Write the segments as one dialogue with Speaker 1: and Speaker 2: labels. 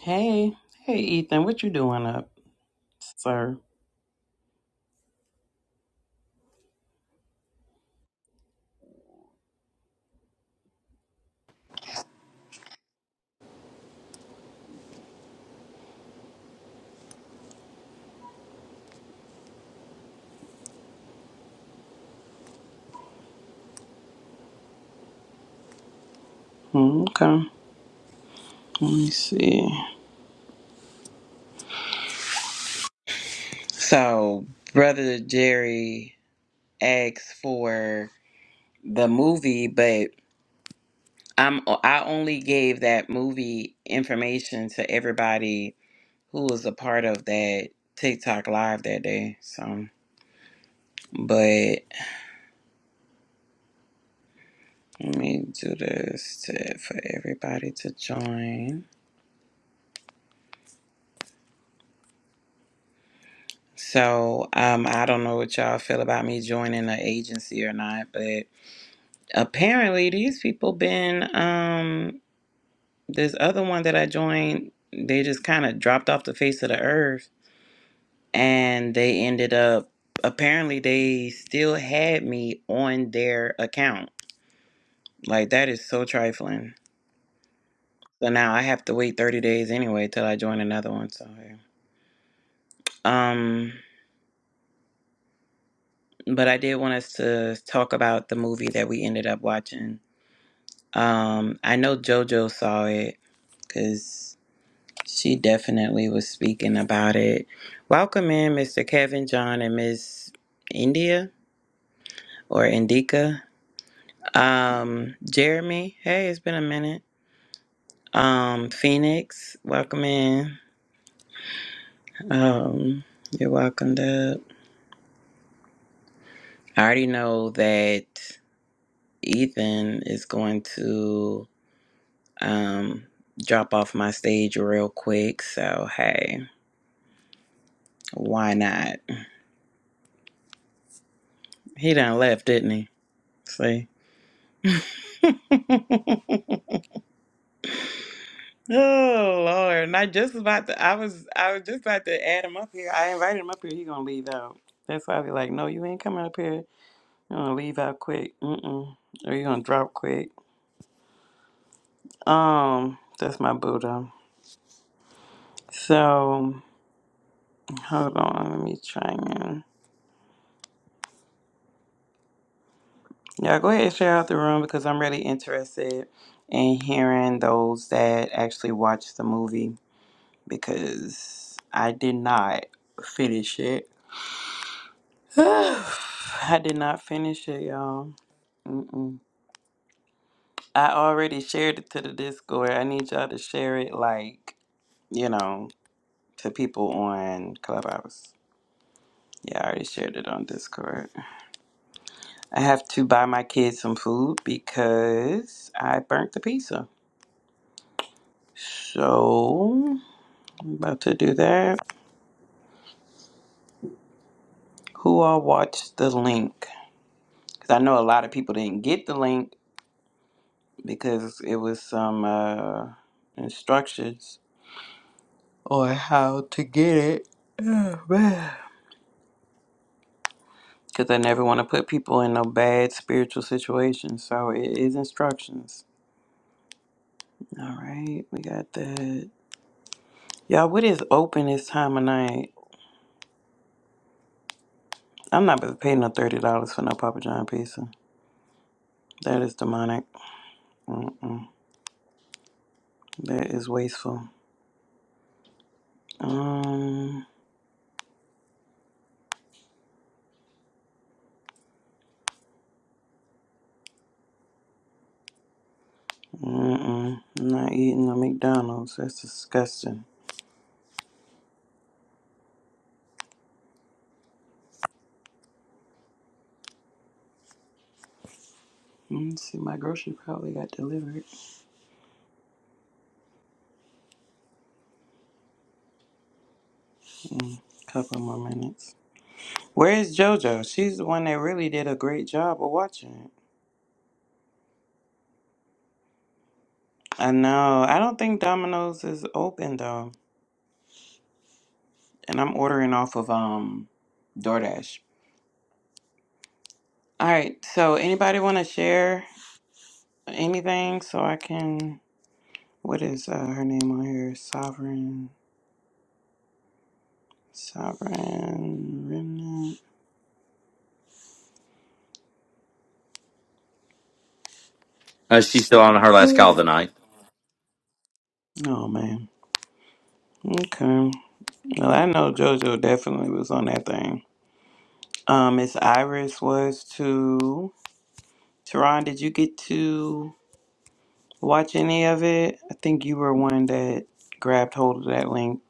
Speaker 1: Hey, hey, Ethan, what you doing up, sir? Hmm, Okay, let me see. So, brother Jerry asked for the movie, but I'm I only gave that movie information to everybody who was a part of that TikTok live that day. So, but let me do this to, for everybody to join. So, um, I don't know what y'all feel about me joining an agency or not, but apparently these people been um this other one that I joined, they just kind of dropped off the face of the earth and they ended up apparently they still had me on their account. Like that is so trifling. So now I have to wait 30 days anyway till I join another one so yeah. um but I did want us to talk about the movie that we ended up watching. Um I know JoJo saw it cuz She definitely was speaking about it. Welcome in, Mr. Kevin John and Miss India or Indica. Um, Jeremy, hey, it's been a minute. Um, Phoenix, welcome in. Um, you're welcome to. I already know that Ethan is going to um, drop off my stage real quick, so hey, why not? He done left, didn't he? See? Oh Lord! And I just about to. I was. I was just about to add him up here. I invited him up here. He gonna leave out. That's why I be like, no, you ain't coming up here. You gonna leave out quick. Mm-mm. Or you gonna drop quick. Um, that's my Buddha. So hold on. Let me try again. yeah. Go ahead and share out the room because I'm really interested in hearing those that actually watched the movie because I did not finish it. I did not finish it, y'all. Mm-mm. I already shared it to the Discord. I need y'all to share it, like, you know, to people on Clubhouse. Yeah, I already shared it on Discord. I have to buy my kids some food because I burnt the pizza. So, I'm about to do that. Who all watched the link? Because I know a lot of people didn't get the link because it was some uh, instructions or how to get it. Oh, man. Because I never want to put people in no bad spiritual situation. So it is instructions. All right, we got that. Y'all, what is open this time of night? I'm not about to pay no $30 for no Papa John pizza. That is demonic. Mm-mm. That is wasteful. Um, mm-mm. I'm not eating a McDonald's. That's disgusting. Mm, see, my grocery probably got delivered. Mm, couple more minutes. Where is JoJo? She's the one that really did a great job of watching it. I know. I don't think Domino's is open though, and I'm ordering off of um DoorDash. All right. So anybody want to share anything so I can? What is uh, her name on here? Sovereign. Sovereign Remnant.
Speaker 2: Uh, she's still on her last call of the night.
Speaker 1: Oh man. Okay. Well, I know JoJo definitely was on that thing. Um, Miss Iris was too. Teron, did you get to? watch any of it. I think you were one that grabbed hold of that link.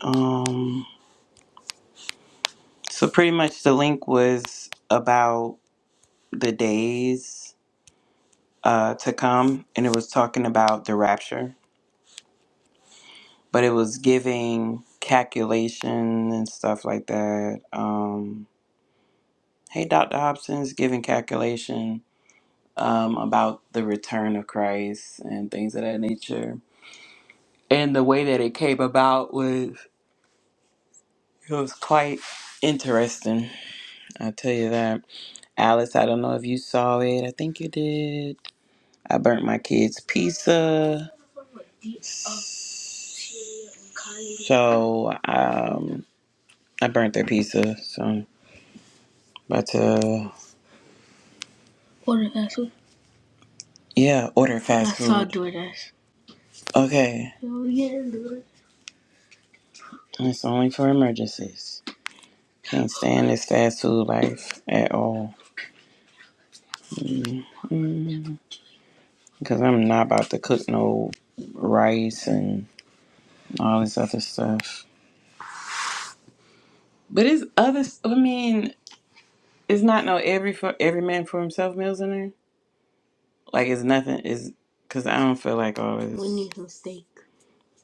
Speaker 1: Um, so pretty much the link was about the days uh, to come, and it was talking about the rapture, but it was giving calculation and stuff like that. Um, hey, Dr. Hobson's giving calculation um, about the return of Christ and things of that nature. And the way that it came about was it was quite interesting I'll tell you that. Alice, I don't know if you saw it. I think you did. I burnt my kids' pizza. So, um, I burnt their pizza. So, I'm about to, yeah, order fast food. I saw DoorDash. Okay, it's only for emergencies. Can't stand this fast food life at all. Mm, Because I'm not about to cook no rice and all this other stuff. But it's other. I mean, It's not no every for every man for himself meals in there. Like it's nothing is because I don't feel like all We this.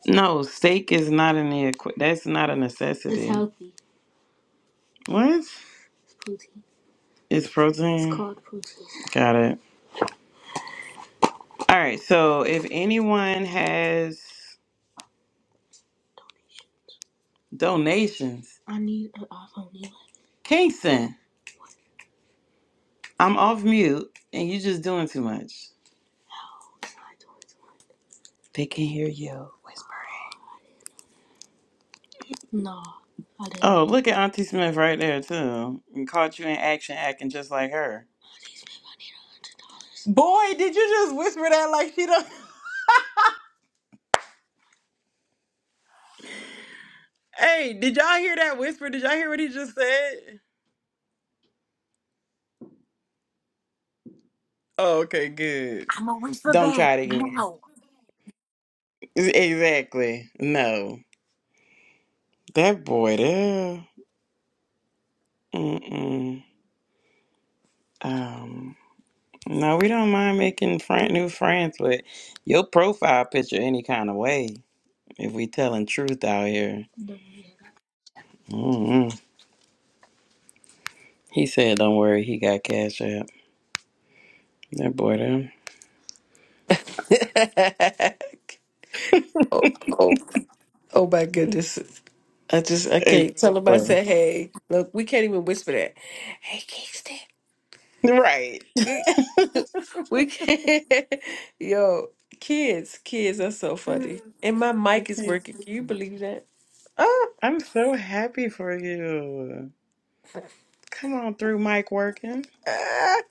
Speaker 1: No, steak is not in the equi- that's not a It's necessity. What? It's It's protein. Got it. All right. So if anyone has donations, Kingston, I'm off mute and you just doing too much. They can hear you. Oh, look at Auntie Smith right there too. And caught you in action acting just like her. Auntie Smith, I need a hundred dollars. Boy, did you just whisper that like she don't Hey, did y'all hear that whisper? Did y'all hear what he just said? Oh, okay, good.
Speaker 3: I'm a whisper
Speaker 1: Don't
Speaker 3: babe.
Speaker 1: try it again.
Speaker 3: No.
Speaker 1: Ex- Exactly. No. That boy there. Mm-mm. Um no, we don't mind making friend new friends, but your profile picture any kind of way. If we telling truth out here. Mm-hmm. He said, "Don't worry, he got cash app." That boy, them
Speaker 4: oh, oh, oh my goodness. I just I can't tell him I
Speaker 1: exactly
Speaker 4: said, hey, look, we can't even whisper that. Hey Kingston.
Speaker 1: right.
Speaker 4: we can't yo, kids, kids are so funny.
Speaker 1: You
Speaker 4: And my mic is
Speaker 1: can't-
Speaker 4: working. Can you believe that? Ah,
Speaker 1: I'm so happy for you. Come on through, Mike. Working.
Speaker 4: ah.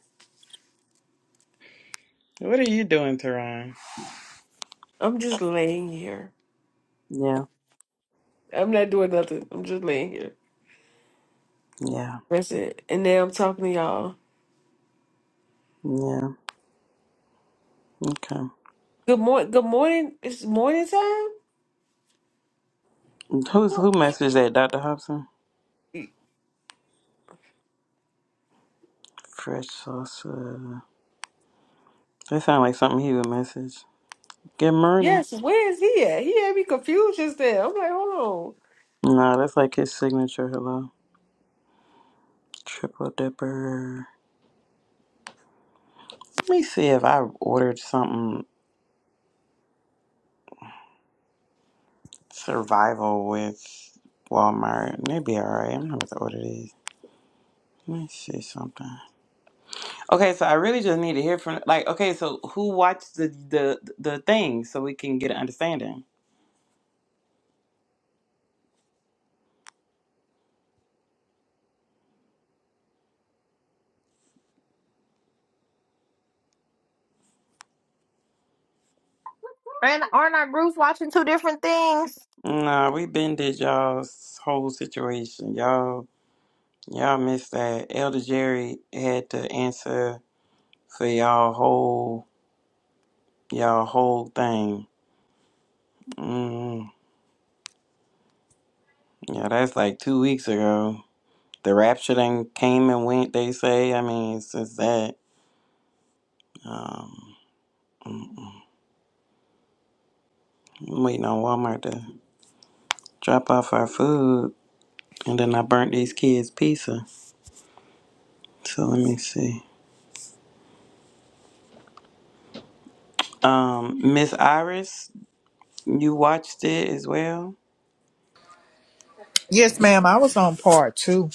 Speaker 1: What are you doing, Teron?
Speaker 4: I'm just laying here.
Speaker 1: Yeah,
Speaker 4: I'm not doing nothing. I'm just laying here.
Speaker 1: yeah,
Speaker 4: That's it. And now I'm talking to y'all.
Speaker 1: yeah. Okay.
Speaker 4: Good morning good morning. It's morning
Speaker 1: Who's
Speaker 4: time?
Speaker 1: who? Messaged that, Doctor Hobson? Fresh salsa. That sounds like something he would message. Good morning.
Speaker 4: Yes, where is he at? He had me confused just there. I'm like, hold on.
Speaker 1: No, that's like his signature hello. Triple dipper. Let me see if I ordered something survival with Walmart. And they'd be all right. I'm not about to order these. Let me see something. Okay, so I really just need to hear from like okay, so who watched the the the thing so we can get an understanding?
Speaker 3: And aren't our groups watching two different things?
Speaker 1: Nah, we been did y'all's whole situation. Y'all y'all missed that. Elder Jerry had to answer for y'all whole y'all whole thing. Mm, yeah, that's like two weeks ago. The rapture then came and went. They say. I mean, since that. Um, I'm waiting on Walmart to drop off our food, and then I burnt these kids' pizza. So let me see. Um, Miss Iris, you watched it as well.
Speaker 5: Yes, ma'am. I was on part two.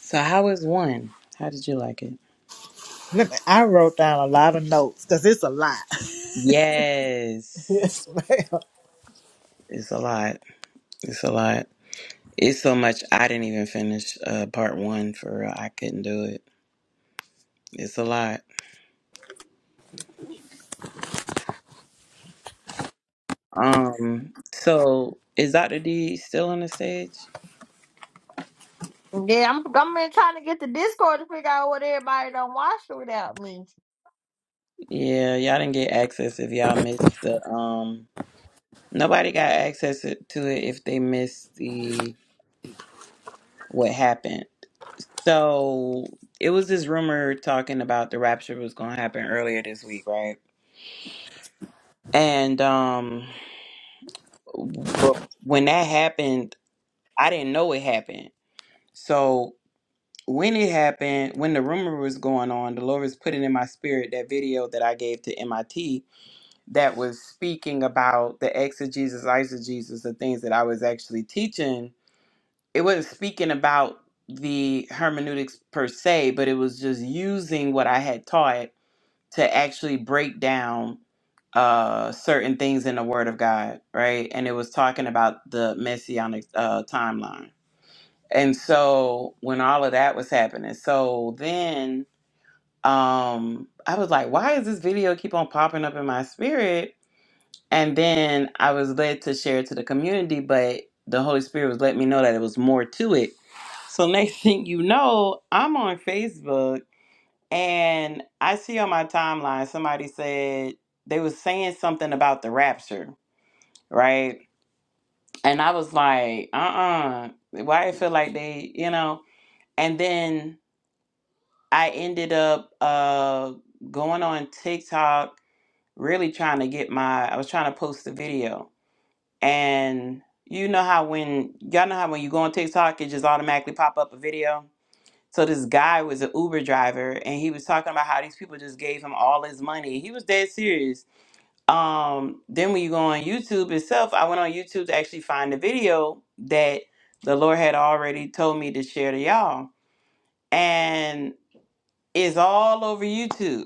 Speaker 1: So how was one? How did you like it?
Speaker 5: Let me, I wrote down a lot of notes because it's a lot.
Speaker 1: Yes,
Speaker 5: yes, ma'am.
Speaker 1: it's a lot. It's a lot. It's so much. I didn't even finish uh, part one for real. I couldn't do it. It's a lot. Um, so is Dr. D still on the stage?
Speaker 3: Yeah, I'm I'm been trying to get the Discord to figure out what everybody done watched without me.
Speaker 1: Yeah, y'all didn't get access if y'all missed the um Nobody got access to it if they missed the what happened. So it was this rumor talking about the rapture was going to happen earlier this week, right? And um, but when that happened, I didn't know it happened. So when it happened, when the rumor was going on, the Lord was putting in my spirit that video that I gave to MIT that was speaking about the exegesis, eisegesis, the things that I was actually teaching it wasn't speaking about the hermeneutics per se, but it was just using what I had taught to actually break down uh certain things in the word of God, right? And it was talking about the messianic uh timeline. And so when all of that was happening, so then um I was like, why is this video keep on popping up in my spirit? And then I was led to share it to the community, but the Holy Spirit was letting me know that it was more to it so next thing you know, I'm on Facebook and I see on my timeline somebody said they was saying something about the rapture, right? And I was like, uh-uh. Why I feel like they, you know? And then I ended up uh going on TikTok, really trying to get my I was trying to post the video. And you know how when y'all know how when you go on TikTok it just automatically pop up a video? So this guy was an Uber driver, and he was talking about how these people just gave him all his money. He was dead serious. Um, then when you go on YouTube itself, I went on YouTube to actually find the video that the Lord had already told me to share to y'all, and it's all over YouTube.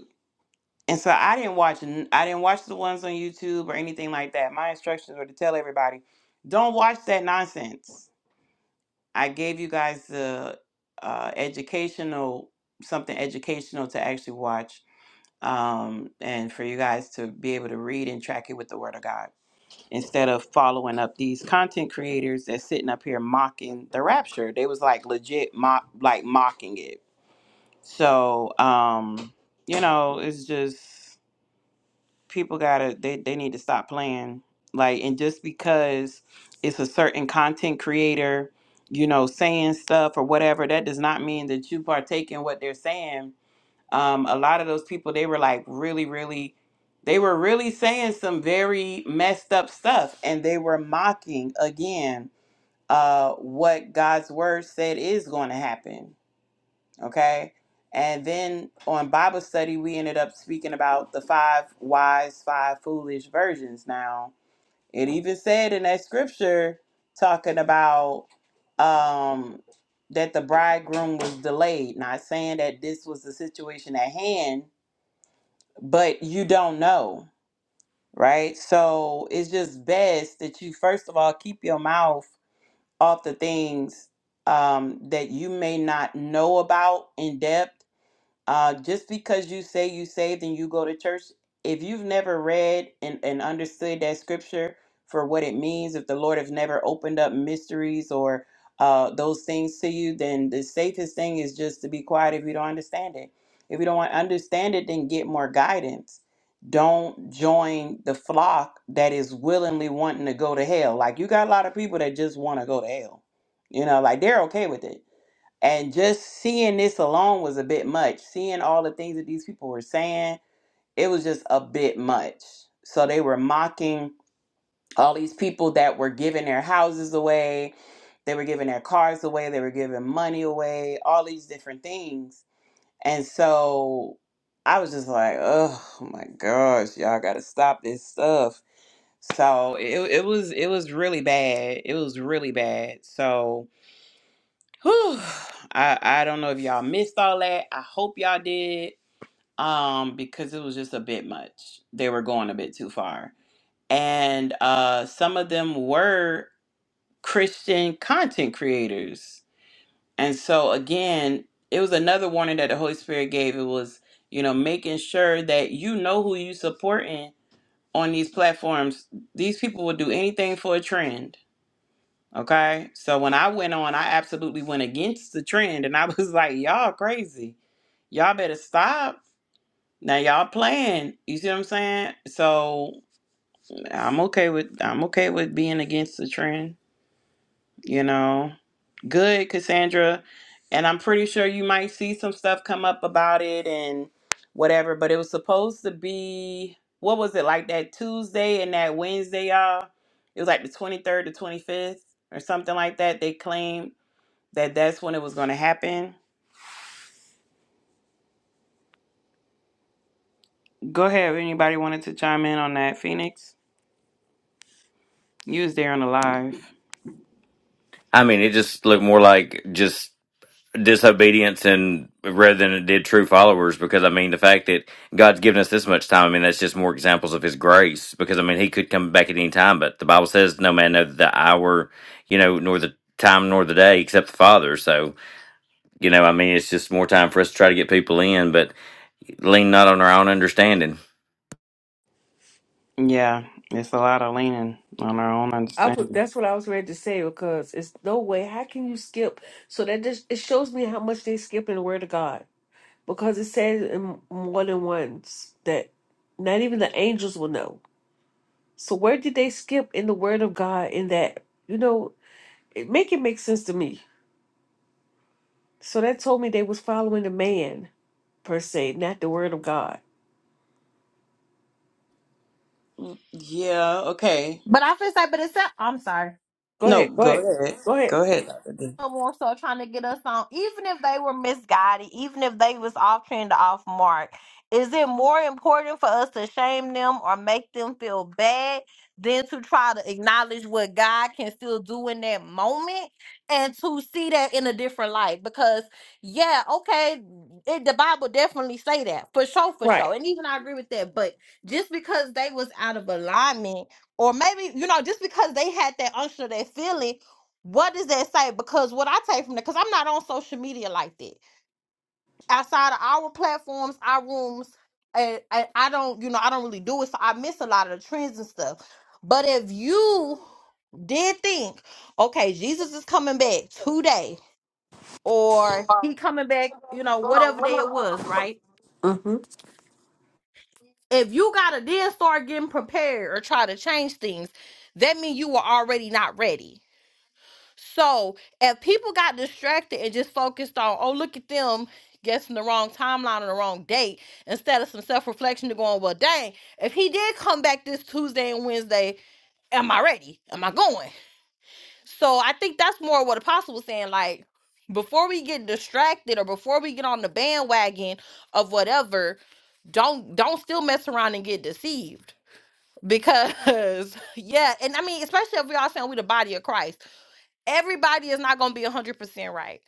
Speaker 1: And so I didn't watch. n- I didn't watch the ones on YouTube or anything like that. My instructions were to tell everybody, don't watch that nonsense I gave you guys the uh, educational something educational to actually watch um, and for you guys to be able to read and track it with the Word of God instead of following up these content creators that's sitting up here mocking the rapture. They was like legit mock like mocking it. So um, you know, it's just people gotta they, they need to stop playing like and just because it's a certain content creator you know saying stuff or whatever that does not mean that you partake in what they're saying um, a lot of those people they were like really really they were really saying some very messed up stuff and they were mocking again uh, what god's word said is going to happen Okay. And then on Bible study, we ended up speaking about the five wise, five foolish virgins. Now, it even said in that scripture talking about um, that the bridegroom was delayed, not saying that this was the situation at hand, but you don't know, right? So it's just best that you, first of all, keep your mouth off the things um, that you may not know about in depth uh, just because you say you saved and you go to church, if you've never read and, and understood that scripture for what it means, if the Lord has never opened up mysteries or uh, those things to you, then the safest thing is just to be quiet if you don't understand it. If you don't want understand it, then get more guidance. Don't join the flock that is willingly wanting to go to hell. Like you got a lot of people that just want to go to hell. You know, like they're okay with it and just seeing this alone was a bit much. Seeing all the things that these people were saying, it was just a bit much. So they were mocking all these people that were giving their houses away, they were giving their cars away, they were giving money away, all these different things. And so I was just like, oh my gosh, y'all gotta stop this stuff. So it, it was it was really bad. It was really bad. So Whew. I, I don't know if y'all missed all that. I hope y'all did. Um, because it was just a bit much. They were going a bit too far. And uh some of them were Christian content creators. And so again, it was another warning that the Holy Spirit gave. It was, you know, making sure that you know who you supporting on these platforms. These people will do anything for a trend Okay. So when I went on, I absolutely went against the trend and I was like, y'all crazy. Y'all better stop. Now y'all playing. You see what I'm saying? So I'm okay with I'm okay with being against the trend, you know. Good, Cassandra. And I'm pretty sure you might see some stuff come up about it and whatever, but it was supposed to be what was it like that Tuesday and that Wednesday, y'all? It was like the 23rd to 25th or something like that. They claimed that that's when it was going to happen. Go ahead. Anybody wanted to chime in on that, Phoenix? You was there on the live.
Speaker 2: I mean, it just looked more like just disobedience and rather than it did true followers. Because I mean, the fact that God's given us this much time, I mean, that's just more examples of His grace. Because I mean, He could come back at any time, but the Bible says, "No man knows the hour, you know, nor the time, nor the day, except the Father." So, you know, I mean, it's just more time for us to try to get people in, but lean not on our own understanding.
Speaker 1: Yeah, it's a lot of leaning on our own
Speaker 4: I put
Speaker 1: understanding.
Speaker 4: that's what I was ready to say because it's no way. How can you skip? So that just it shows me how much they skip in the Word of God because it says in more than once that not even the angels will know. So where did they skip in the Word of God in that? You know, it make it make sense to me. So that told me they was following the man per se, not the Word of God.
Speaker 1: Yeah, okay.
Speaker 3: But I feel like, but it's I'm sorry.
Speaker 4: Go
Speaker 1: No,
Speaker 4: ahead, go ahead,
Speaker 1: go ahead.
Speaker 4: go ahead.
Speaker 1: Go ahead, Dr. D.
Speaker 3: no more so trying to get us on, even if they were misguided, even if they was off trend or off mark, is it more important for us to shame them or make them feel bad than to try to acknowledge what God can still do in that moment and to see that in a different light? Because yeah, okay, it, the Bible definitely say that for sure, for sure,
Speaker 4: Right.
Speaker 3: and even I agree with that. But just because they was out of alignment, or maybe you know, just because they had that unction, that feeling what does that say? Because what I take from that, because I'm not on social media like that. Outside of our platforms, our rooms, and, and I don't, you know, I don't really do it, so I miss a lot of the trends and stuff. But if you did think, okay, Jesus is coming back today, or he coming back, you know, whatever day it was, right?
Speaker 4: Mm-hmm.
Speaker 3: If you gotta then start getting prepared or try to change things, that means you were already not ready So if people got distracted and just focused on, oh, look at them guessing the wrong timeline or the wrong date, instead of some self reflection to going, well, dang, if he did come back this Tuesday and Wednesday, am I ready? Am I going? So I think that's more what Apostle was saying. Like, before we get distracted or before we get on the bandwagon of whatever, don't don't still mess around and get deceived. Because yeah, and I mean, especially if we all saying we the body of Christ everybody is not going to be 100% right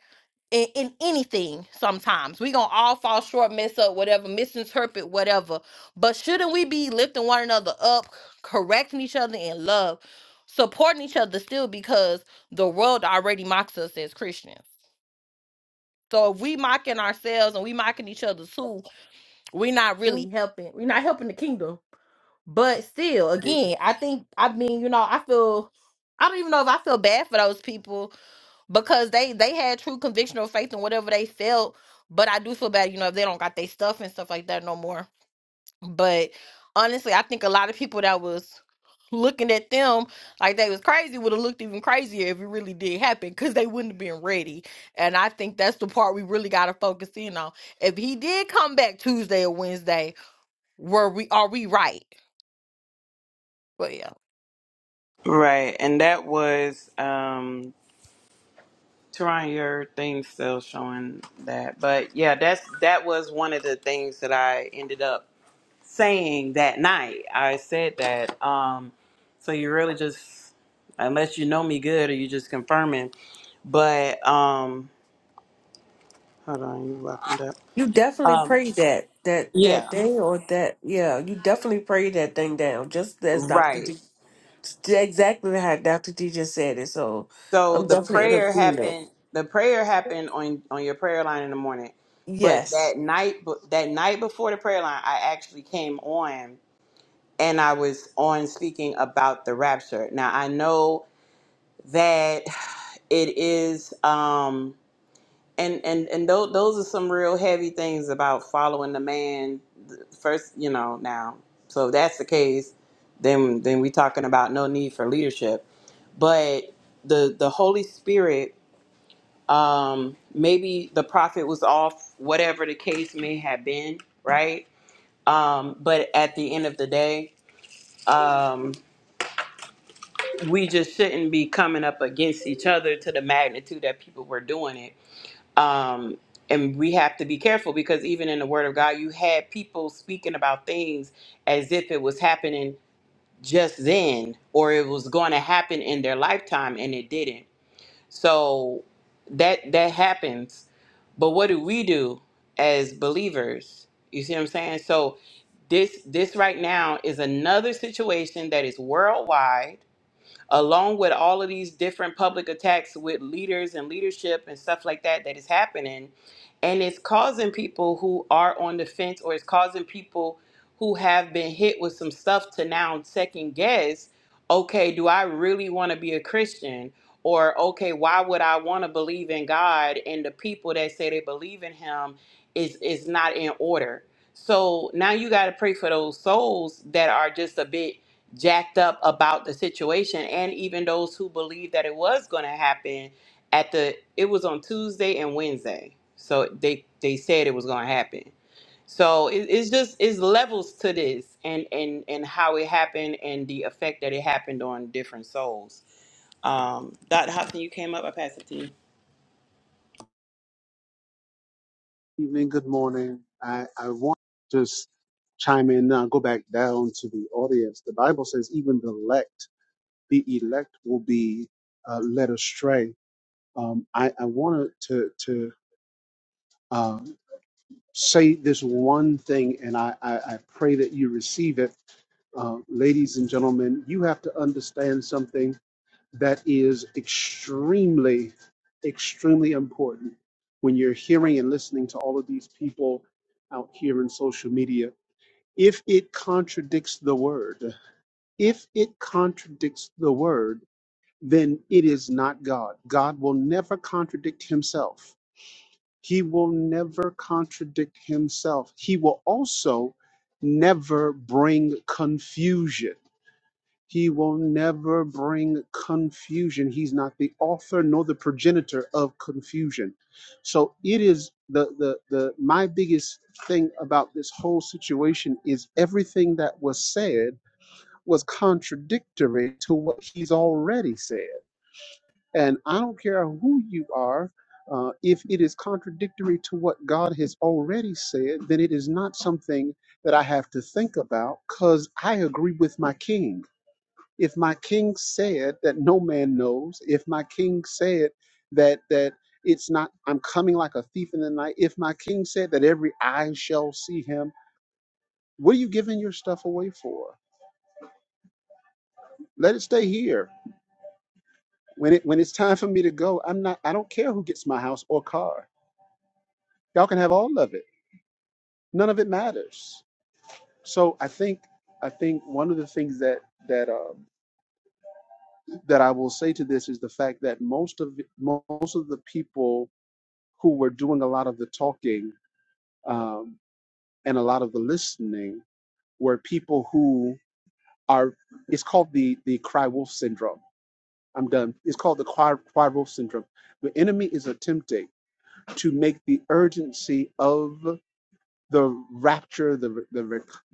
Speaker 3: in, in anything sometimes we going to all fall short mess up whatever misinterpret whatever but shouldn't we be lifting one another up correcting each other in love supporting each other still because the world already mocks us as christians so if we mocking ourselves and we mocking each other too we're not really helping we're not helping the kingdom but still again i think i mean you know i feel i don't even know if i feel bad for those people because they they had true conviction or faith in whatever they felt. But I do feel bad, you know, if they don't got their stuff and stuff like that no more. But honestly, I think a lot of people that was looking at them like they was crazy would have looked even crazier if it really did happen because they wouldn't have been ready. And I think that's the part we really got to focus in on. If he did come back Tuesday or Wednesday, were we are we right? But yeah.
Speaker 1: Right, and that was um Teron, your thing still showing that. But yeah, that's that was one of the things that I ended up saying that night. I said that. Um, so you really just, unless you know me good, or you just confirming. But um, hold on, you locked it up.
Speaker 4: You definitely
Speaker 1: Um,
Speaker 4: prayed that that
Speaker 1: yeah,
Speaker 4: that thing or that yeah. You definitely prayed that thing down, just as Doctor
Speaker 1: right.
Speaker 4: D exactly how Doctor D just said it. So
Speaker 1: So
Speaker 4: I'm
Speaker 1: the
Speaker 4: definitely in
Speaker 1: prayer
Speaker 4: agreement.
Speaker 1: happened. The prayer happened on on your prayer line in the morning, but
Speaker 4: Yes,
Speaker 1: that night, but that night before the prayer line, I actually came on and I was on speaking about the rapture. Now I know that it is. Um, and and and those those are some real heavy things about following the man first you know now so if that's the case then then we talking about no need for leadership but the the holy spirit um maybe the prophet was off whatever the case may have been right um but at the end of the day um we just shouldn't be coming up against each other to the magnitude that people were doing it um, and we have to be careful because even in the Word of God, you had people speaking about things as if it was happening just then, or it was going to happen in their lifetime, and it didn't. So that that happens. But what do we do as believers? You see what I'm saying? So this this right now is another situation that is worldwide along with all of these different public attacks with leaders and leadership and stuff like that that is happening and it's causing people who are on the fence or it's causing people who have been hit with some stuff to now second guess okay do i really want to be a christian or okay why would i want to believe in god and the people that say they believe in him is is not in order so now you got to pray for those souls that are just a bit jacked up about the situation and even those who believed that it was going to happen at the it was on tuesday and wednesday so they they said it was going to happen so it, it's just it's levels to this and and and how it happened and the effect that it happened on different souls um dr hobson you came up i pass it to you
Speaker 6: evening, good morning. I, I want to just chime in now, go back down to the audience. The Bible says, even the elect, the elect will be uh, led astray. Um, I, I wanted to, to uh, say this one thing, and I, I, I pray that you receive it. Uh, ladies and gentlemen, you have to understand something. that is extremely, extremely important when you're hearing and listening to all of these people out here in social media. If it contradicts the word, if it contradicts the word, then it is not God. God will never contradict himself. He will never contradict himself. He will also never bring confusion he will never bring confusion. He's not the author nor the progenitor of confusion. So it is the the the my biggest thing about this whole situation is everything that was said was contradictory to what he's already said. And I don't care who you are, uh, if it is contradictory to what God has already said, then it is not something that I have to think about because I agree with my king. If my king said that no man knows, if my king said that that it's not I'm coming like a thief in the night, if my king said that every eye shall see him, what are you giving your stuff away for? Let it stay here. When it when it's time for me to go, I'm not I don't care who gets my house or car. Y'all can have all of it. None of it matters. So I think I think one of the things that that um, that I will say to this is the fact that most of most of the people who were doing a lot of the talking um, and a lot of the listening were people who are it's called the the cry wolf syndrome i'm done it's called the cry, cry wolf syndrome the enemy is attempting to make the urgency of the rapture the the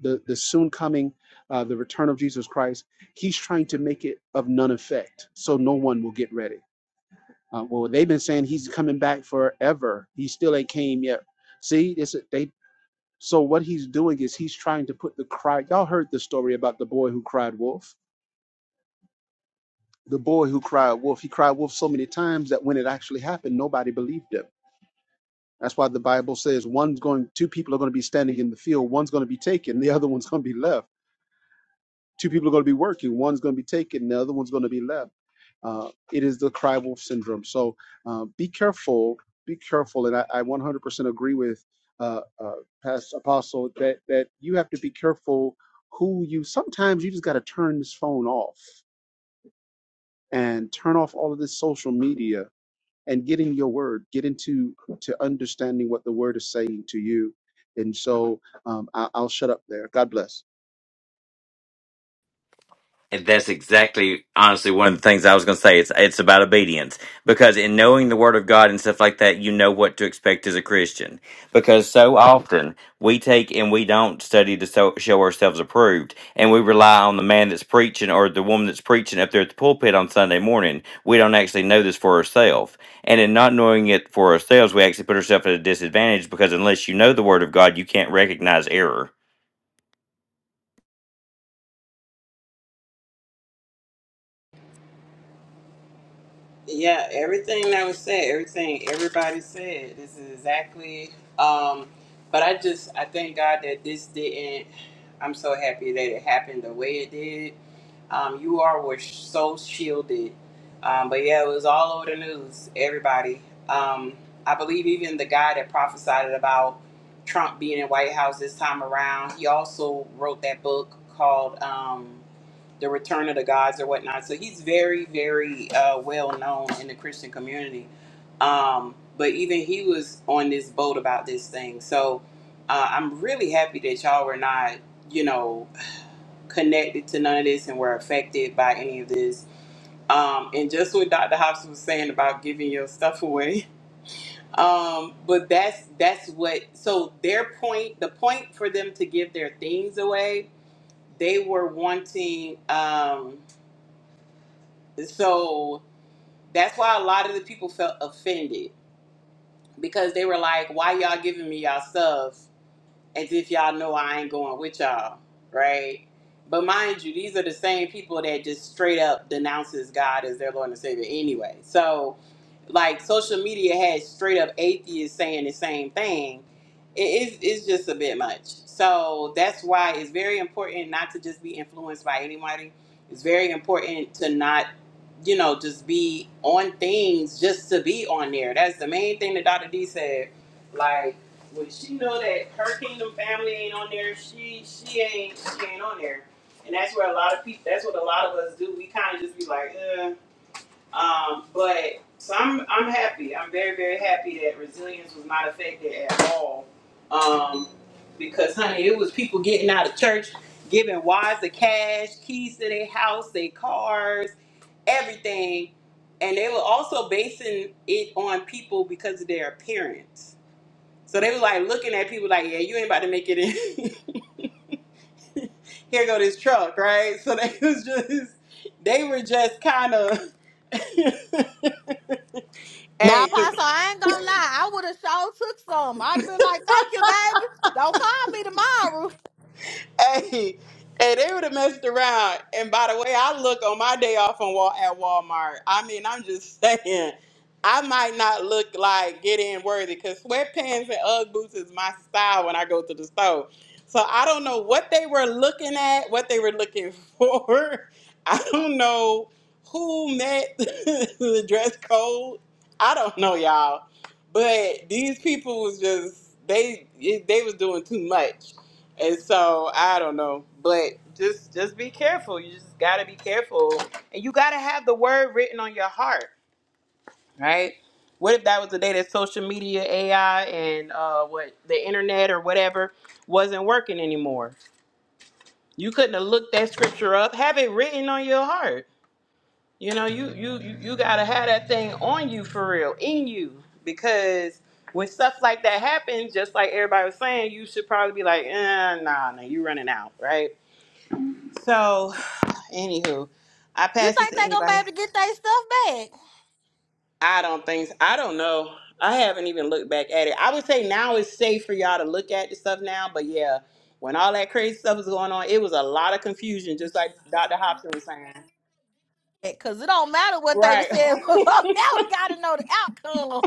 Speaker 6: the, the soon coming uh, the return of jesus christ he's trying to make it of none effect so no one will get ready uh, well they've been saying he's coming back forever he still ain't came yet see it's, they. So what he's doing is he's trying to put the cry. Y'all heard the story about the boy who cried wolf. The boy who cried wolf. He cried wolf so many times that when it actually happened, nobody believed him. That's why the Bible says one's going, two people are going to be standing in the field. One's going to be taken, the other one's going to be left Two people are going to be working. One's going to be taken. The other one's going to be left. Uh, it is the cry wolf syndrome. So uh, be careful. Be careful. And I, I 100% agree with uh, uh, Past Apostle that that you have to be careful who you. Sometimes you just got to turn this phone off and turn off all of this social media and get in your word. Get into to understanding what the word is saying to you. And so um, I, I'll shut up there. God bless.
Speaker 2: And that's exactly, honestly, one of the things I was going to say. It's it's about obedience because in knowing the Word of God and stuff like that, you know what to expect as a Christian. Because so often we take and we don't study to so, show ourselves approved, and we rely on the man that's preaching or the woman that's preaching up there at the pulpit on Sunday morning. We don't actually know this for ourselves, and in not knowing it for ourselves, we actually put ourselves at a disadvantage because unless you know the Word of God, you can't recognize error
Speaker 1: Yeah, everything that was said, everything everybody said, this is exactly. Um, but I just, I thank God that this didn't. I'm so happy that it happened the way it did. Um, you are were so shielded. Um, but yeah, it was all over the news. Everybody. Um, I believe even the guy that prophesied about Trump being in White House this time around, he also wrote that book called. Um, the Return of the Gods or whatnot. So he's very, very uh, well known in the Christian community. Um, but even he was on this boat about this thing. So uh, I'm really happy that y'all were not, you know, connected to none of this and were affected by any of this. Um, and just what Dr. Hobson was saying about giving your stuff away. Um, but that's that's what. So their point, the point for them to give their things away, they were wanting. Um, So that's why a lot of the people felt offended because they were like, "Why y'all giving me y'all stuff as if y'all know I ain't going with y'all, right?" But mind you, these are the same people that just straight up denounces God as their Lord and Savior anyway. So, like, social media has straight up atheists saying the same thing. It is it's just a bit much. So that's why it's very important not to just be influenced by anybody. It's very important to not you know, just be on things just to be on there. That's the main thing that Dr. D said. Like, when she know that her kingdom family ain't on there, she she ain't she ain't on there. And that's where a lot of people that's what a lot of us do. We kinda just be like, uh um, but so I'm I'm happy. I'm very, very happy that resilience was not affected at all. Um because honey, it was people getting out of church, giving wives the cash, keys to their house, their cars everything. And they were also basing it on people because of their appearance. So they were like looking at people like, yeah, you ain't about to make it in. Here go this truck, right? So they was just, they were just kind of,
Speaker 3: Now,
Speaker 1: hey, 'cause
Speaker 3: Pastor, I ain't gonna lie. I would have sure took some. I'd have been like, "Thank you, baby. Don't call me tomorrow."
Speaker 1: Hey, hey, they would have messed around. And by the way, I look on my day off on Wal at Walmart. I mean, I'm just saying, I might not look like get in worthy because sweatpants and UGG boots is my style when I go to the store. So I don't know what they were looking at, what they were looking for. I don't know who met the dress code. I don't know, y'all. But these people was just they they was doing too much and so I don't know, but just just be careful. You just gotta be careful, and you gotta have the word written on your heart, right? What if that was the day that social media, AI, and uh, what the internet or whatever wasn't working anymore? You couldn't have looked that scripture up. Have it written on your heart. You know, you you you, you gotta have that thing on you for real, in you, because when stuff like that happens, just like everybody was saying, you should probably be like, eh, nah, nah, you running out, right? So, anywho, I
Speaker 3: You
Speaker 1: pass this
Speaker 3: think
Speaker 1: to
Speaker 3: they gonna be
Speaker 1: anybody.
Speaker 3: able to get their stuff back?
Speaker 1: I don't think I don't know. I haven't even looked back at it. I would say now it's safe for y'all to look at the stuff now, but yeah, when all that crazy stuff was going on, it was a lot of confusion, just like Dr. Hobson was saying.
Speaker 3: Because it don't matter what they were
Speaker 1: Right.
Speaker 3: saying before. Now we gotta know the outcome.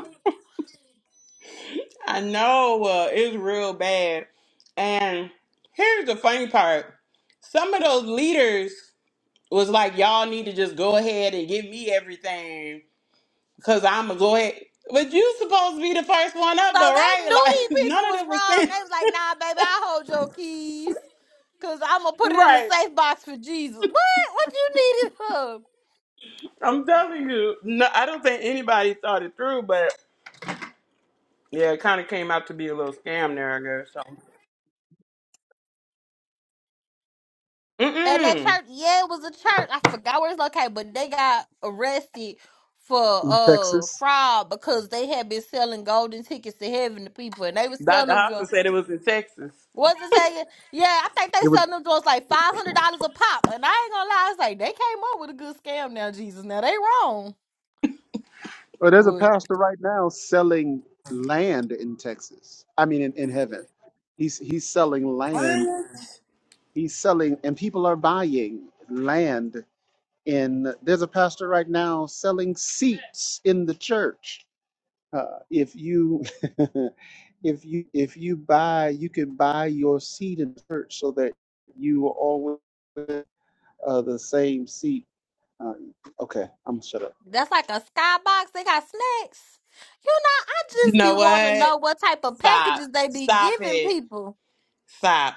Speaker 1: I know uh, it's real bad. And here's the funny part. Some of those leaders was like, y'all need to just go ahead and give me everything Cause I'ma go ahead. But you supposed to be the first one up
Speaker 3: So
Speaker 1: though,
Speaker 3: they
Speaker 1: right?
Speaker 3: knew
Speaker 1: Like
Speaker 3: these people
Speaker 1: none of
Speaker 3: was
Speaker 1: them was
Speaker 3: wrong.
Speaker 1: saying
Speaker 3: They was like, nah, baby, I hold your keys. Cause I'm gonna put it in the
Speaker 1: right.
Speaker 3: safe box for Jesus. What? What you need it for?
Speaker 1: I'm telling you, no, I don't think anybody thought it through, but yeah, it kind of came out to be a little scam there, I guess. So,
Speaker 3: And that
Speaker 1: mm-mm.
Speaker 3: church, yeah, it was a church. I forgot where it's located, but they got arrested for
Speaker 6: In
Speaker 3: uh
Speaker 6: Texas.
Speaker 3: fraud because they had been selling golden tickets to heaven to people and they was
Speaker 1: Dr.
Speaker 3: selling
Speaker 1: Hobson
Speaker 3: them.
Speaker 1: said it was in Texas.
Speaker 3: What's it saying? Yeah, I think they selling them joints like five hundred dollars a pop. And I ain't gonna lie, it's like, they came up with a good scam now, Jesus. Now they wrong.
Speaker 6: Well, there's a
Speaker 3: But
Speaker 6: pastor right now selling land in Texas. I mean, in, in heaven. He's he's selling land.
Speaker 1: What?
Speaker 6: He's selling, and people are buying land. In there's a pastor right now selling seats in the church. Uh, if you if you if you buy, you can buy your seat in church so that you are always uh, the same seat. Uh, okay, I'm gonna shut up.
Speaker 3: that's like a skybox. They got snacks. You know, I
Speaker 1: You
Speaker 3: just be
Speaker 1: know
Speaker 3: wanting to
Speaker 1: what?
Speaker 3: know what type of
Speaker 1: Stop.
Speaker 3: packages they be
Speaker 1: Stop
Speaker 3: giving
Speaker 1: it.
Speaker 3: people.
Speaker 1: Stop.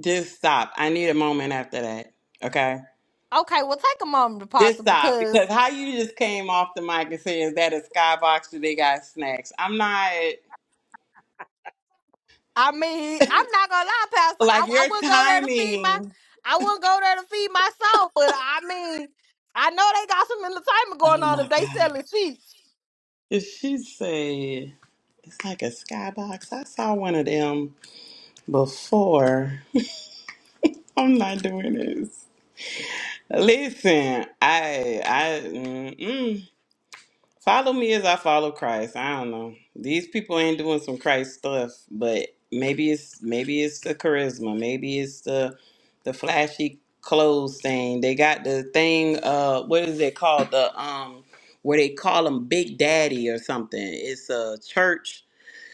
Speaker 1: Just stop. I need a moment after that. Okay.
Speaker 3: Okay, well take a moment to
Speaker 1: Just
Speaker 3: pasta
Speaker 1: stop.
Speaker 3: because
Speaker 1: Because how you just came off the mic and said, is that a skybox? Do they got snacks? I'm not.
Speaker 3: I mean, I'm not gonna lie, Pastor. I,
Speaker 1: Like
Speaker 3: I
Speaker 1: your
Speaker 3: wouldn't go there to feed my
Speaker 1: timing.
Speaker 3: I wouldn't go there to feed my soul, but I mean, I know they got some entertainment going
Speaker 1: Oh
Speaker 3: on if
Speaker 1: my
Speaker 3: they
Speaker 1: God.
Speaker 3: selling seats.
Speaker 1: If she said it's like a skybox, I saw one of them before. I'm not doing this. Listen, I I mm-mm. Follow me as I follow Christ. I don't know. These people ain't doing some Christ stuff, but maybe it's maybe it's the charisma, maybe it's the the flashy clothes thing. They got the thing. Uh, what is it called? The um, where they call them Big Daddy or something. It's a church.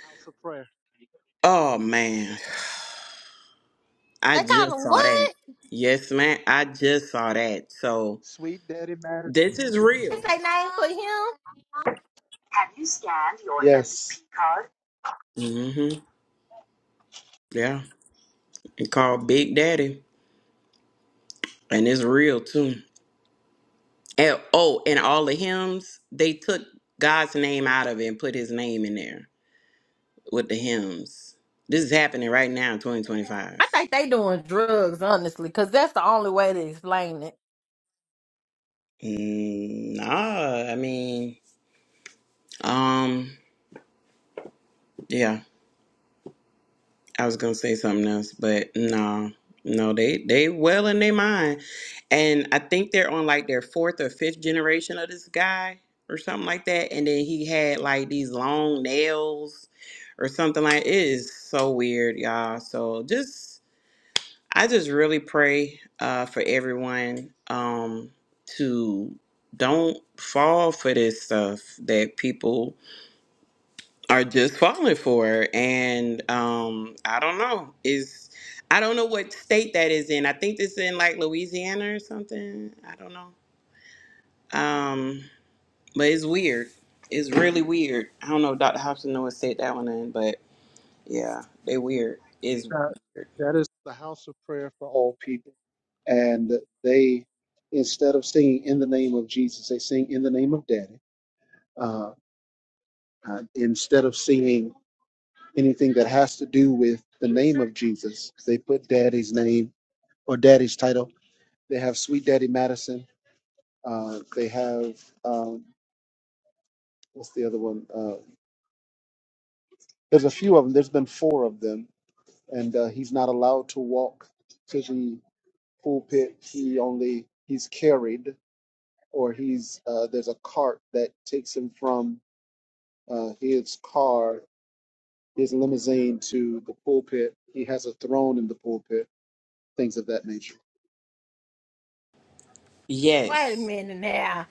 Speaker 6: House of prayer.
Speaker 1: Oh man, I
Speaker 3: They call
Speaker 1: just
Speaker 3: them
Speaker 1: saw
Speaker 3: what?
Speaker 1: that. Yes, man, I just saw that. So
Speaker 6: Sweet Daddy Matter.
Speaker 1: this is
Speaker 3: This
Speaker 1: real.
Speaker 3: ain't name for him.
Speaker 6: Have you scanned your Yes. MCP card?
Speaker 1: hmm Yeah, it's called Big Daddy, and it's real too. And, oh, and all the hymns, they took God's name out of it and put his name in there with the hymns. This is happening right now in
Speaker 3: I
Speaker 1: 2025.
Speaker 3: think they doing drugs, honestly, because that's the only way to explain it.
Speaker 1: Mm, nah, I mean, um, yeah, I was gonna say something else, but no, no, they they well in their mind, and I think they're on like their fourth or fifth generation of this guy or something like that, and then he had like these long nails or something like. It is so weird, y'all. So just. I just really pray uh, for everyone um, to don't fall for this stuff that people are just falling for. And um, I don't know. Is I don't know what state that is in. I think it's in like Louisiana or something. I don't know. Um, but it's weird. It's really weird. I don't know, Dr. Hobson, know what state that one in, but yeah, they weird. It's
Speaker 6: That,
Speaker 1: weird.
Speaker 6: that is the house of prayer for all people. And they, instead of singing in the name of Jesus, they sing in the name of Daddy. Uh, uh, instead of singing anything that has to do with the name of Jesus, they put Daddy's name or Daddy's title. They have Sweet Daddy Madison. Uh, they have um, what's the other one? Uh, there's a few of them. There's been four of them, and uh, he's not allowed to walk to the pulpit. He only he's carried, or he's uh, there's a cart that takes him from uh, his car, his limousine to the pulpit. He has a throne in the pulpit. Things of that nature.
Speaker 3: Wait a
Speaker 1: Yes.
Speaker 3: minute now.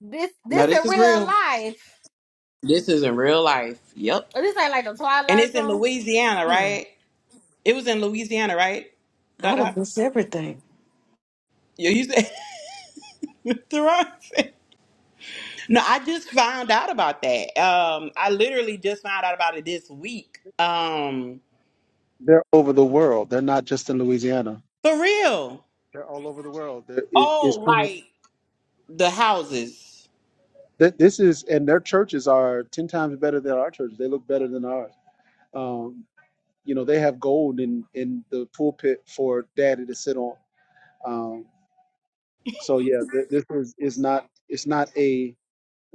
Speaker 3: This
Speaker 1: No,
Speaker 3: this
Speaker 1: this
Speaker 3: in
Speaker 1: is
Speaker 3: real
Speaker 1: real.
Speaker 3: life.
Speaker 1: This is in real life. Yep.
Speaker 3: This ain't like the
Speaker 1: And
Speaker 3: Twilight
Speaker 1: it's in
Speaker 3: Zone.
Speaker 1: Louisiana,
Speaker 3: Mm.
Speaker 1: right? It was in Louisiana, right?
Speaker 4: I'd
Speaker 1: Dr.
Speaker 4: have
Speaker 1: Hopper?
Speaker 4: missed everything.
Speaker 1: Yeah, you said Mr. Robinson. No, I just found out about that. Um, I literally just found out about it this week. Um,
Speaker 6: They're over the world. They're not just in Louisiana.
Speaker 1: for real.
Speaker 6: They're all over the world. They're, it, it's
Speaker 1: Oh, like the houses.
Speaker 6: Th- This is, and their churches are ten times better than our churches. They look better than ours. Um, you know, they have gold in in the pulpit for daddy to sit on. Um, so yeah, th- this is is not it's not a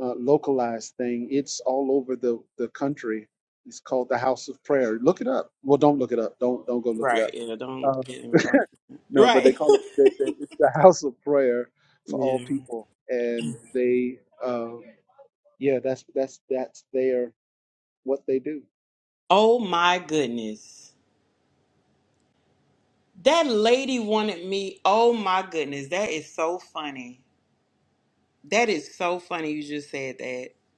Speaker 6: uh, localized thing. It's all over the the country. It's called the House of Prayer. Look it up. Well, don't look it up. Don't don't go look it
Speaker 1: Right.
Speaker 6: up.
Speaker 1: Yeah, don't
Speaker 6: Uh,
Speaker 1: get involved.
Speaker 6: no, but they
Speaker 1: Right.
Speaker 6: call it they, they, it's the House of Prayer for all
Speaker 1: yeah.
Speaker 6: people, and they um, yeah, that's that's that's their. what they do.
Speaker 1: Oh my goodness. That lady wanted me. Oh my goodness. That is so funny. That is so funny you just said that.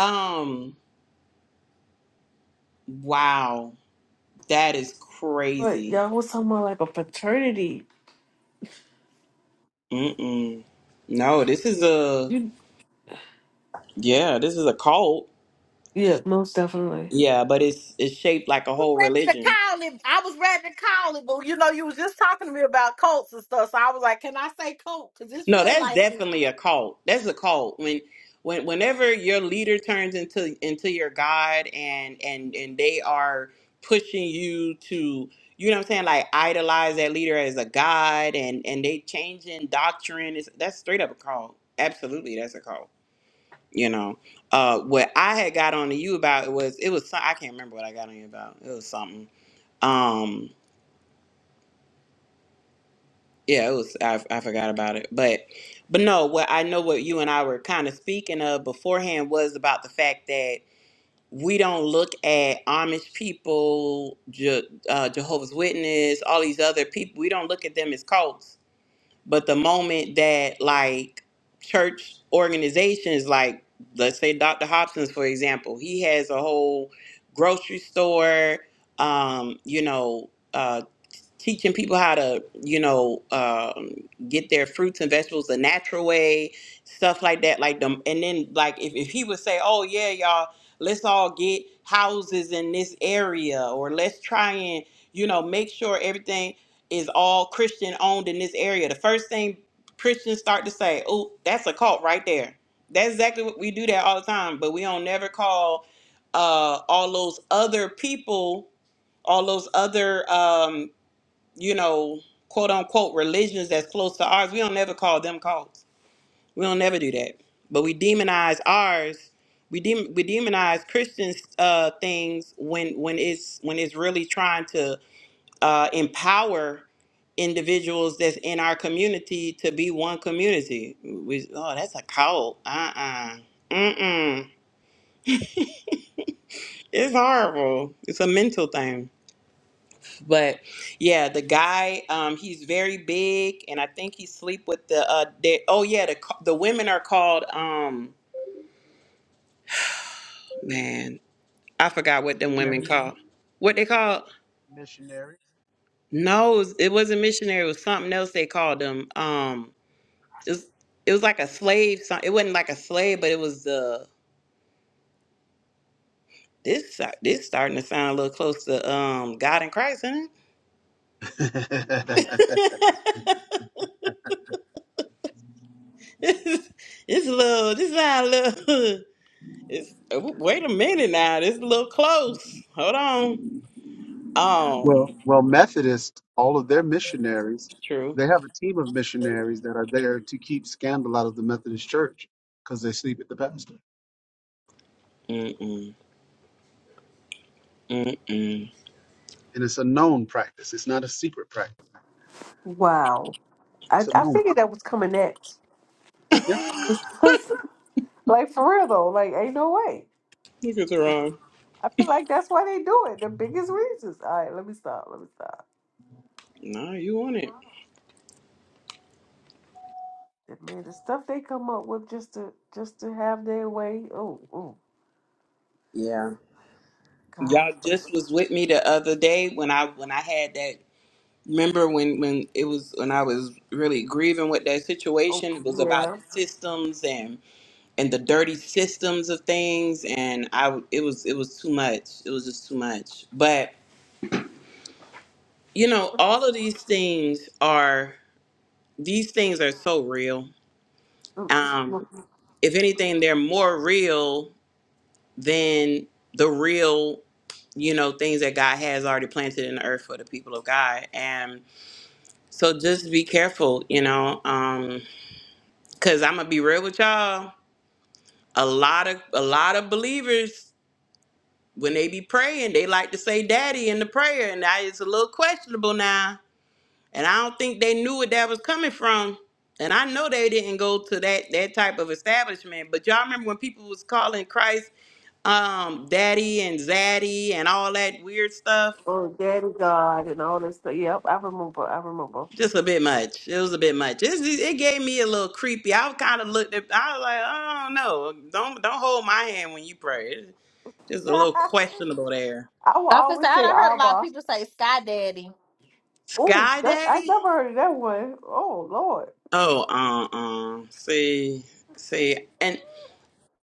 Speaker 1: Um, wow. That is
Speaker 4: But
Speaker 1: crazy.
Speaker 4: y'all was talking about like a fraternity.
Speaker 1: Mm-mm. No, this is a
Speaker 4: You
Speaker 1: yeah, this is a cult.
Speaker 4: yeah, most definitely.
Speaker 1: Yeah, but it's it's shaped like a
Speaker 3: I was
Speaker 1: whole
Speaker 3: Ready to
Speaker 1: religion.
Speaker 3: call it. I was ready to call it, but you know, you was just talking to me about cults and stuff. So I was like, "Can I say cult?" Because this
Speaker 1: No,
Speaker 3: feel
Speaker 1: that's
Speaker 3: like
Speaker 1: definitely a cult. That's a cult. When when whenever your leader turns into into your god and and and they are pushing you to you know what I'm saying like idolize that leader as a god and and they changing doctrine is that's straight up a cult. Absolutely, that's a cult. You know, uh, what I had got on to you about was it was some- I can't remember what I got on you about. It was something. Um, Yeah, it was. I, I forgot about it, but but no, what I know what you and I were kind of speaking of beforehand was about the fact that we don't look at Amish people, Je, uh, Jehovah's Witness, all these other people. We don't look at them as cults, but the moment that like church organizations, like let's say Dr. Hobson's, for example, he has a whole grocery store. Um, you know. uh, teaching people how to, you know, um, get their fruits and vegetables the natural way, stuff like that. Like them, and then like if, if he would say, "Oh yeah, y'all, let's all get houses in this area, or let's try and, you know, make sure everything is all Christian owned in this area." The first thing Christians start to say, "Oh, that's a cult right there." That's exactly what we do that all the time, but we don't never call uh, all those other people, all those other. Um, you know, quote unquote religions that's close to ours, we don't never call them cults. We don't never do that. But we demonize ours. We dem- we demonize Christians uh, things when when it's when it's really trying to uh, empower individuals that's in our community to be one community. We, oh, that's a cult. Uh uh-uh. uh. Mm mm. It's horrible. It's a mental thing. But yeah, the guy, um, he's very big, and I think he sleep with the uh, they, oh yeah, the ca- the women are called um, man, I forgot what them women
Speaker 6: Missionary,
Speaker 1: called. What they called? No, it wasn't missionary. It was something else they called them. Um, it was it was like a slave. so- It wasn't like a slave, but it was the uh, this si- this starting to sound a little close to um God and Christ, isn't it?
Speaker 6: missionaries.
Speaker 1: it's, it's a little. This sound a little. It's oh, wait a minute now. This is a little close. Hold on. Um,
Speaker 6: Well, well, Methodists, all of their missionaries,
Speaker 1: true.
Speaker 6: they have a team of missionaries that are there to keep scandal out of the Methodist Church because they sleep with the pastor,
Speaker 1: Mm-mm. Mm-mm.
Speaker 6: and it's a known practice. It's not a secret practice.
Speaker 4: Wow, I
Speaker 6: It's a
Speaker 4: I
Speaker 6: known.
Speaker 4: figured
Speaker 6: Practice.
Speaker 4: that was coming next.
Speaker 1: Look
Speaker 6: Yeah.
Speaker 4: like for real though, like ain't no way.
Speaker 1: at the wrong.
Speaker 4: I feel like that's why they do it. The biggest reasons. All right, let me stop. Let me stop.
Speaker 1: No, you want it.
Speaker 4: And man, the stuff they come up with just to just to have their way. Oh, oh,
Speaker 1: Yeah. Y'all
Speaker 4: God.
Speaker 1: just was with me the other day when I when I had that remember when when it was when I was really grieving with that
Speaker 4: Oh,
Speaker 1: situation. It was about
Speaker 4: yeah.
Speaker 1: the systems and and the dirty systems of things and I w- it was it was too much. It was just too much. But you know, all of these things are these things are so real.
Speaker 4: Mm,
Speaker 1: Um, if anything, they're more real than the real, you know, things that God has already planted in the earth for the people of God. And so just be careful, you know, um, cause I'm gonna be real with y'all. A lot of a lot of believers, when they be praying, they like to say daddy in the prayer, and that is a little questionable now And I don't think they knew what that was coming from. And I know they didn't go to that that type of establishment. But y'all remember when people was calling Christ um daddy and zaddy and all that weird stuff?
Speaker 4: Oh, Daddy God and all this stuff. Yep, I remember. I remember.
Speaker 1: Just a bit much. It was a bit much. It, it gave me a little creepy. I kind of looked at I was like, I don't know. Don't don't hold my hand when you pray. It's just a little
Speaker 4: I
Speaker 1: questionable there.
Speaker 4: will
Speaker 3: I feel
Speaker 4: always
Speaker 3: I
Speaker 4: say
Speaker 3: done heard a lot of
Speaker 4: Abba.
Speaker 3: people say "Sky Daddy."
Speaker 4: Oh,
Speaker 1: Sky
Speaker 4: that, I
Speaker 1: Daddy?
Speaker 4: never heard of that one. Oh, Lord.
Speaker 1: Oh, uh uh. See, see. and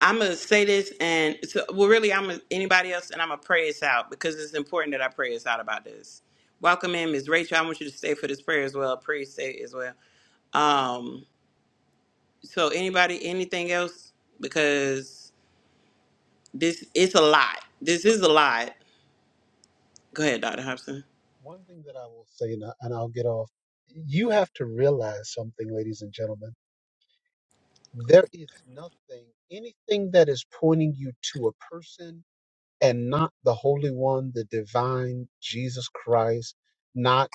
Speaker 1: I'm gonna say this, and so, well, really, I'm gonna, anybody else, and I'm gonna pray us out because it's important that I pray us out about this. Welcome in, Ms. Rachel. I want you to stay for this prayer as well. Please stay as well. Um, so anybody, anything else? Because this it's a lot. This is a lot. Go ahead, Dr. Hobson.
Speaker 6: One thing that I will say, and, I, and I'll get off, you have to realize something, ladies and gentlemen. There is nothing, anything that is pointing you to a person and not the Holy One, the divine Jesus Christ, not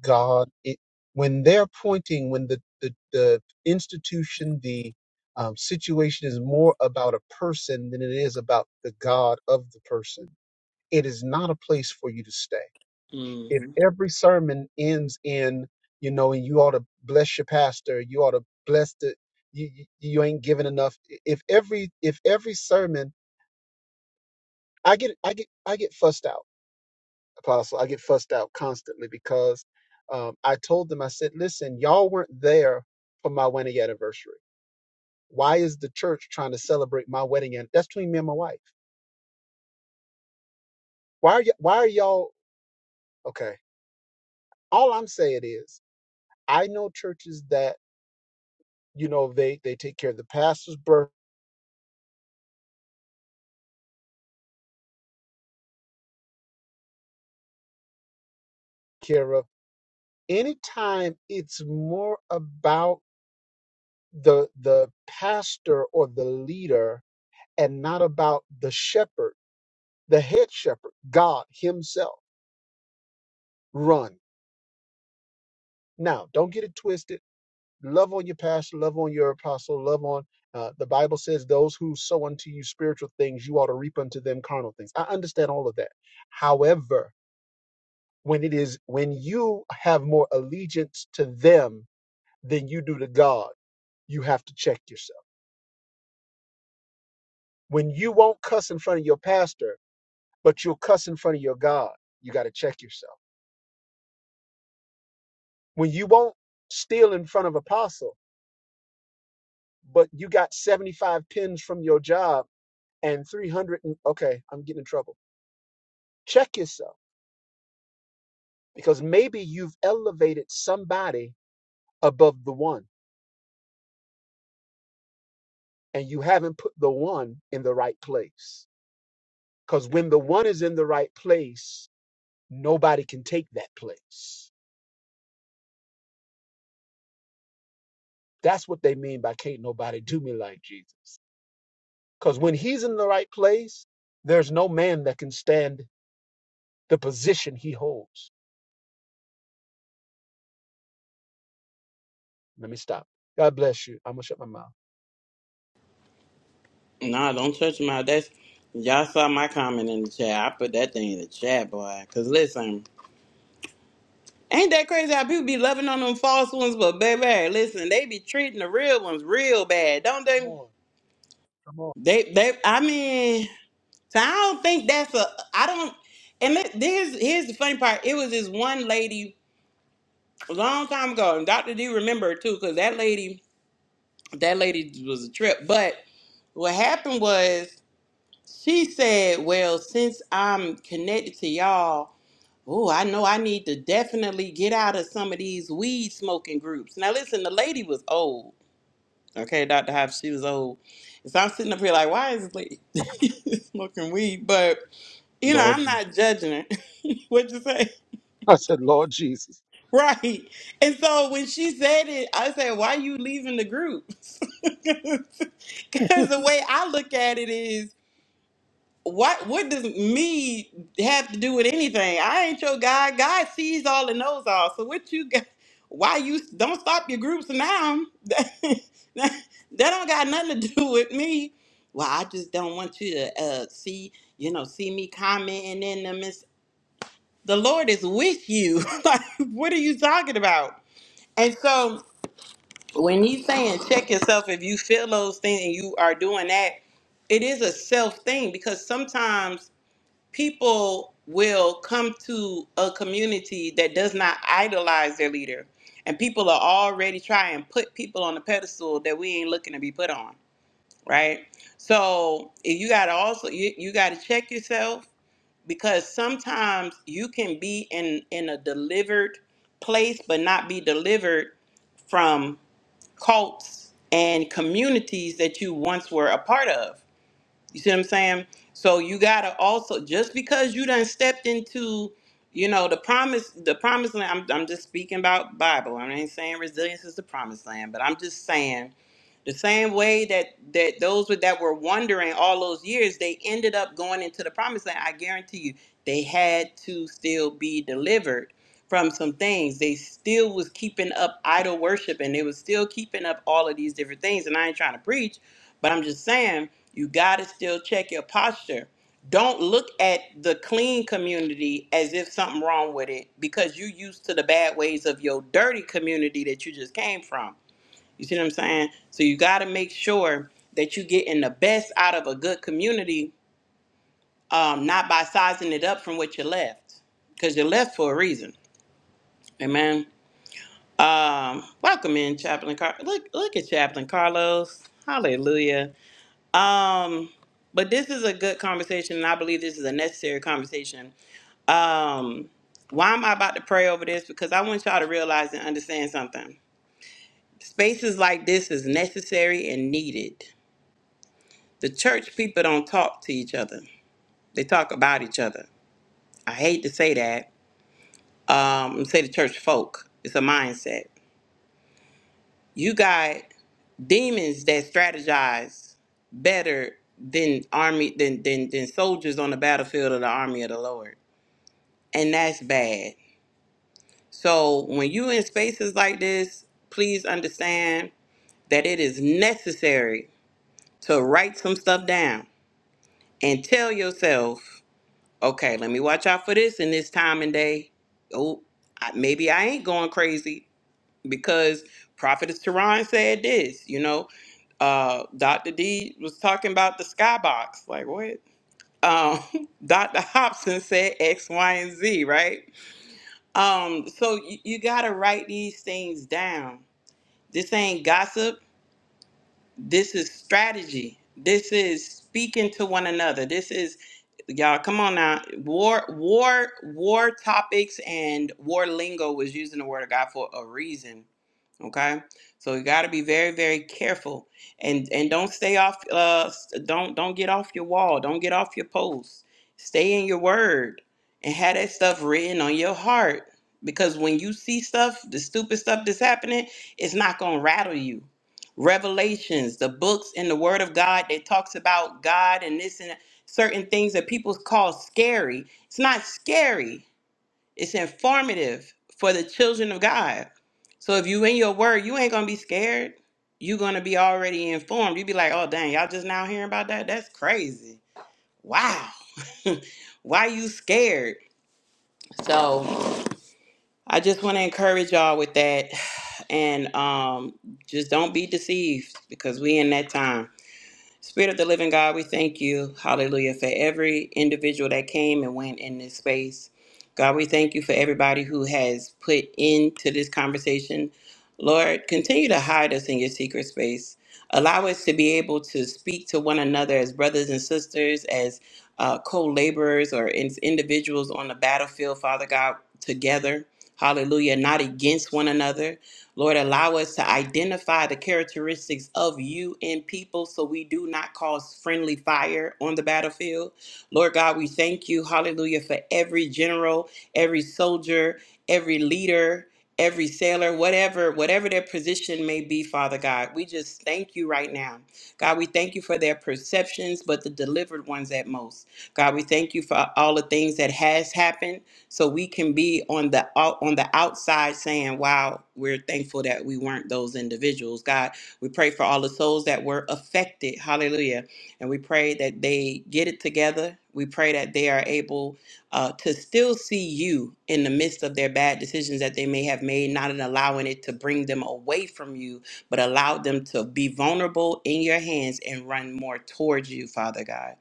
Speaker 6: God. It, when they're pointing, when the, the, the institution, the um, situation is more about a person than it is about the God of the person, it is not a place for you to stay. If
Speaker 1: Mm-hmm.
Speaker 6: every sermon ends in, you know, and you ought to bless your pastor, you ought to bless the, you, you you ain't giving enough. If every if every sermon, I get I get I get fussed out apostle i get fussed out constantly because um, i told them i said listen y'all weren't there for my wedding anniversary why is the church trying to celebrate my wedding and that's between me and my wife why are y- why are y'all okay all i'm saying is i know churches that you know they they take care of the pastor's birth care of anytime it's more about the the pastor or the leader and not about the shepherd the head shepherd god himself run. Now, don't get it twisted. Love on your pastor, love on your apostle, love on. Uh, the Bible says, "Those who sow unto you spiritual things, you ought to reap unto them carnal things." I understand all of that. However, when it is when you have more allegiance to them than you do to God, you have to check yourself. When you won't cuss in front of your pastor, but you'll cuss in front of your God, you got to check yourself. When you won't steal in front of apostle, but you got 75 pins from your job and 300 and, okay i'm getting in trouble check yourself because maybe you've elevated somebody above the one and you haven't put the one in the right place because when the one is in the right place nobody can take that place that's what they mean by can't nobody do me like jesus because when he's in the right place there's no man that can stand the position he holds let me stop god bless you i'm gonna shut my mouth
Speaker 1: Nah, don't touch my. That's y'all saw my comment in the chat. I put that thing in the chat, boy. Cause listen. Ain't that crazy how people be loving on them false ones, but baby, hey, listen, they be treating the real ones real bad, don't
Speaker 6: come
Speaker 1: they?
Speaker 6: on come on
Speaker 1: They, they. I mean, so I don't think that's a. I don't. And let- here's here's the funny part. It was this one lady a long time ago, and Doctor D remember her too, because that lady, that lady was a trip. But what happened was she said, "Well, since I'm connected to y'all." Oh, I know I need to definitely get out of some of these weed smoking groups. Now, listen, the lady was old. Okay, Dr. Hop, she was old. And So I'm sitting up here like, why is this lady smoking weed? But, you know,
Speaker 6: Lord,
Speaker 1: I'm
Speaker 6: Je-
Speaker 1: not judging her. What'd you say?
Speaker 6: i said lord jesus
Speaker 1: Right. And so when she said it, I said, why you leaving the group? Because the way I look at it is, What what does me have to do with anything? I ain't your guy. God sees all and knows all. So what you got? Why you don't stop your groups now? that that don't got nothing to do with me. Well, I just don't want you to uh, see you know see me commenting in them. It's, the Lord is with you. like what are you talking about? And so when he's saying check yourself, if you feel those things and you are doing that, it is a self thing because sometimes people will come to a community that does not idolize their leader. And people are already trying to put people on the pedestal that we ain't looking to be put on, right? So if you gotta also you, you gotta check yourself because sometimes you can be in in a delivered place but not be delivered from cults and communities that you once were a part of you see what I'm saying? So you gotta also just because you done stepped into, you know, the promise, the promised land. I'm, I'm just speaking about Bible. I ain't saying resilience is the promised land, but I'm just saying the same way that that those with- that were wandering all those years, they ended up going into the promised land. I guarantee you, they had to still be delivered from some things. They still was keeping up idol worship, and they was still keeping up all of these different things. And I ain't trying to preach, but I'm just saying you got to still check your posture. Don't look at the clean community as if something wrong with it because you used to the bad ways of your dirty community that you just came from. You see what I'm saying? So you got to make sure that you getting the best out of a good community, um, not by sizing it up from what you left, because you left for a reason. Amen. Um, welcome in, Chaplain Car. Look, look at Chaplain Carlos. Hallelujah. Um, but this is a good conversation, and I believe this is a necessary conversation. Um, why am I about to pray over this? Because I want y'all to realize and understand something. Spaces like this is necessary and needed. The church people don't talk to each other; they talk about each other. I hate to say that. Um, say the church folk. It's a mindset. You got demons that strategize better than army than than, than soldiers on the battlefield of the army of the Lord and that's bad. So when you in spaces like this, please understand that it is necessary to write some stuff down and tell yourself, okay, let me watch out for this in this time and day. Oh, I, maybe I ain't going crazy because Prophetess Tehran said this. You know, uh, Dr. D was talking about the skybox. Like what? Um, Dr. Hobson said X, Y, and Z, right? Um, so you, you gotta write these things down. This ain't gossip. This is strategy. This is speaking to one another. This is y'all. Come on now. War, war, war topics and war lingo was using the word of God for a reason okay so you got to be very very careful and and don't stay off uh don't don't get off your wall don't get off your post stay in your word and have that stuff written on your heart because when you see stuff the stupid stuff that's happening it's not gonna rattle you revelations the books in the word of god that talks about god and this and that, certain things that people call scary it's not scary it's informative for the children of God. So if you in your word, you ain't gonna be scared. you gonna be already informed. You be like, oh dang, y'all just now hearing about that? That's crazy. Wow. Why you scared? So I just wanna encourage y'all with that. And um just don't be deceived because we in that time. Spirit of the living God, we thank you, hallelujah, for every individual that came and went in this space. God, we thank you for everybody who has put into this conversation. Lord, continue to hide us in your secret space. Allow us to be able to speak to one another as brothers and sisters, as uh, co laborers or as individuals on the battlefield, Father God, together. Hallelujah, not against one another. Lord, allow us to identify the characteristics of you in people so we do not cause friendly fire on the battlefield. Lord God, we thank you, hallelujah, for every general, every soldier, every leader, every sailor, whatever, whatever their position may be, Father God. We just thank you right now. God, we thank you for their perceptions, but the delivered ones at most. God, we thank you for all the things that has happened so we can be on the out on the outside saying wow we're thankful that we weren't those individuals god we pray for all the souls that were affected hallelujah and we pray that they get it together we pray that they are able uh, to still see you in the midst of their bad decisions that they may have made not in allowing it to bring them away from you but allow them to be vulnerable in your hands and run more towards you father god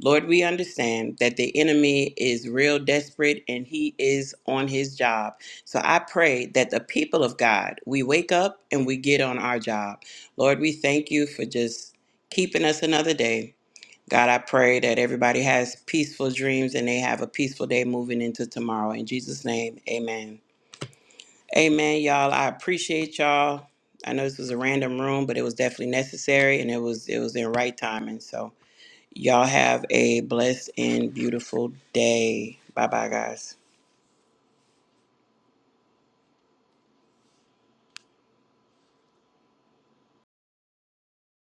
Speaker 1: Lord, we understand that the enemy is real desperate and he is on his job. So I pray that the people of God, we wake up and we get on our job. Lord, we thank you for just keeping us another day. God, I pray that everybody has peaceful dreams and they have a peaceful day moving into tomorrow. In Jesus' name, amen. Amen, y'all. I appreciate y'all. I know this was a random room, but it was definitely necessary and it was it was in right timing. So Y'all have a blessed and beautiful day. Bye bye, guys.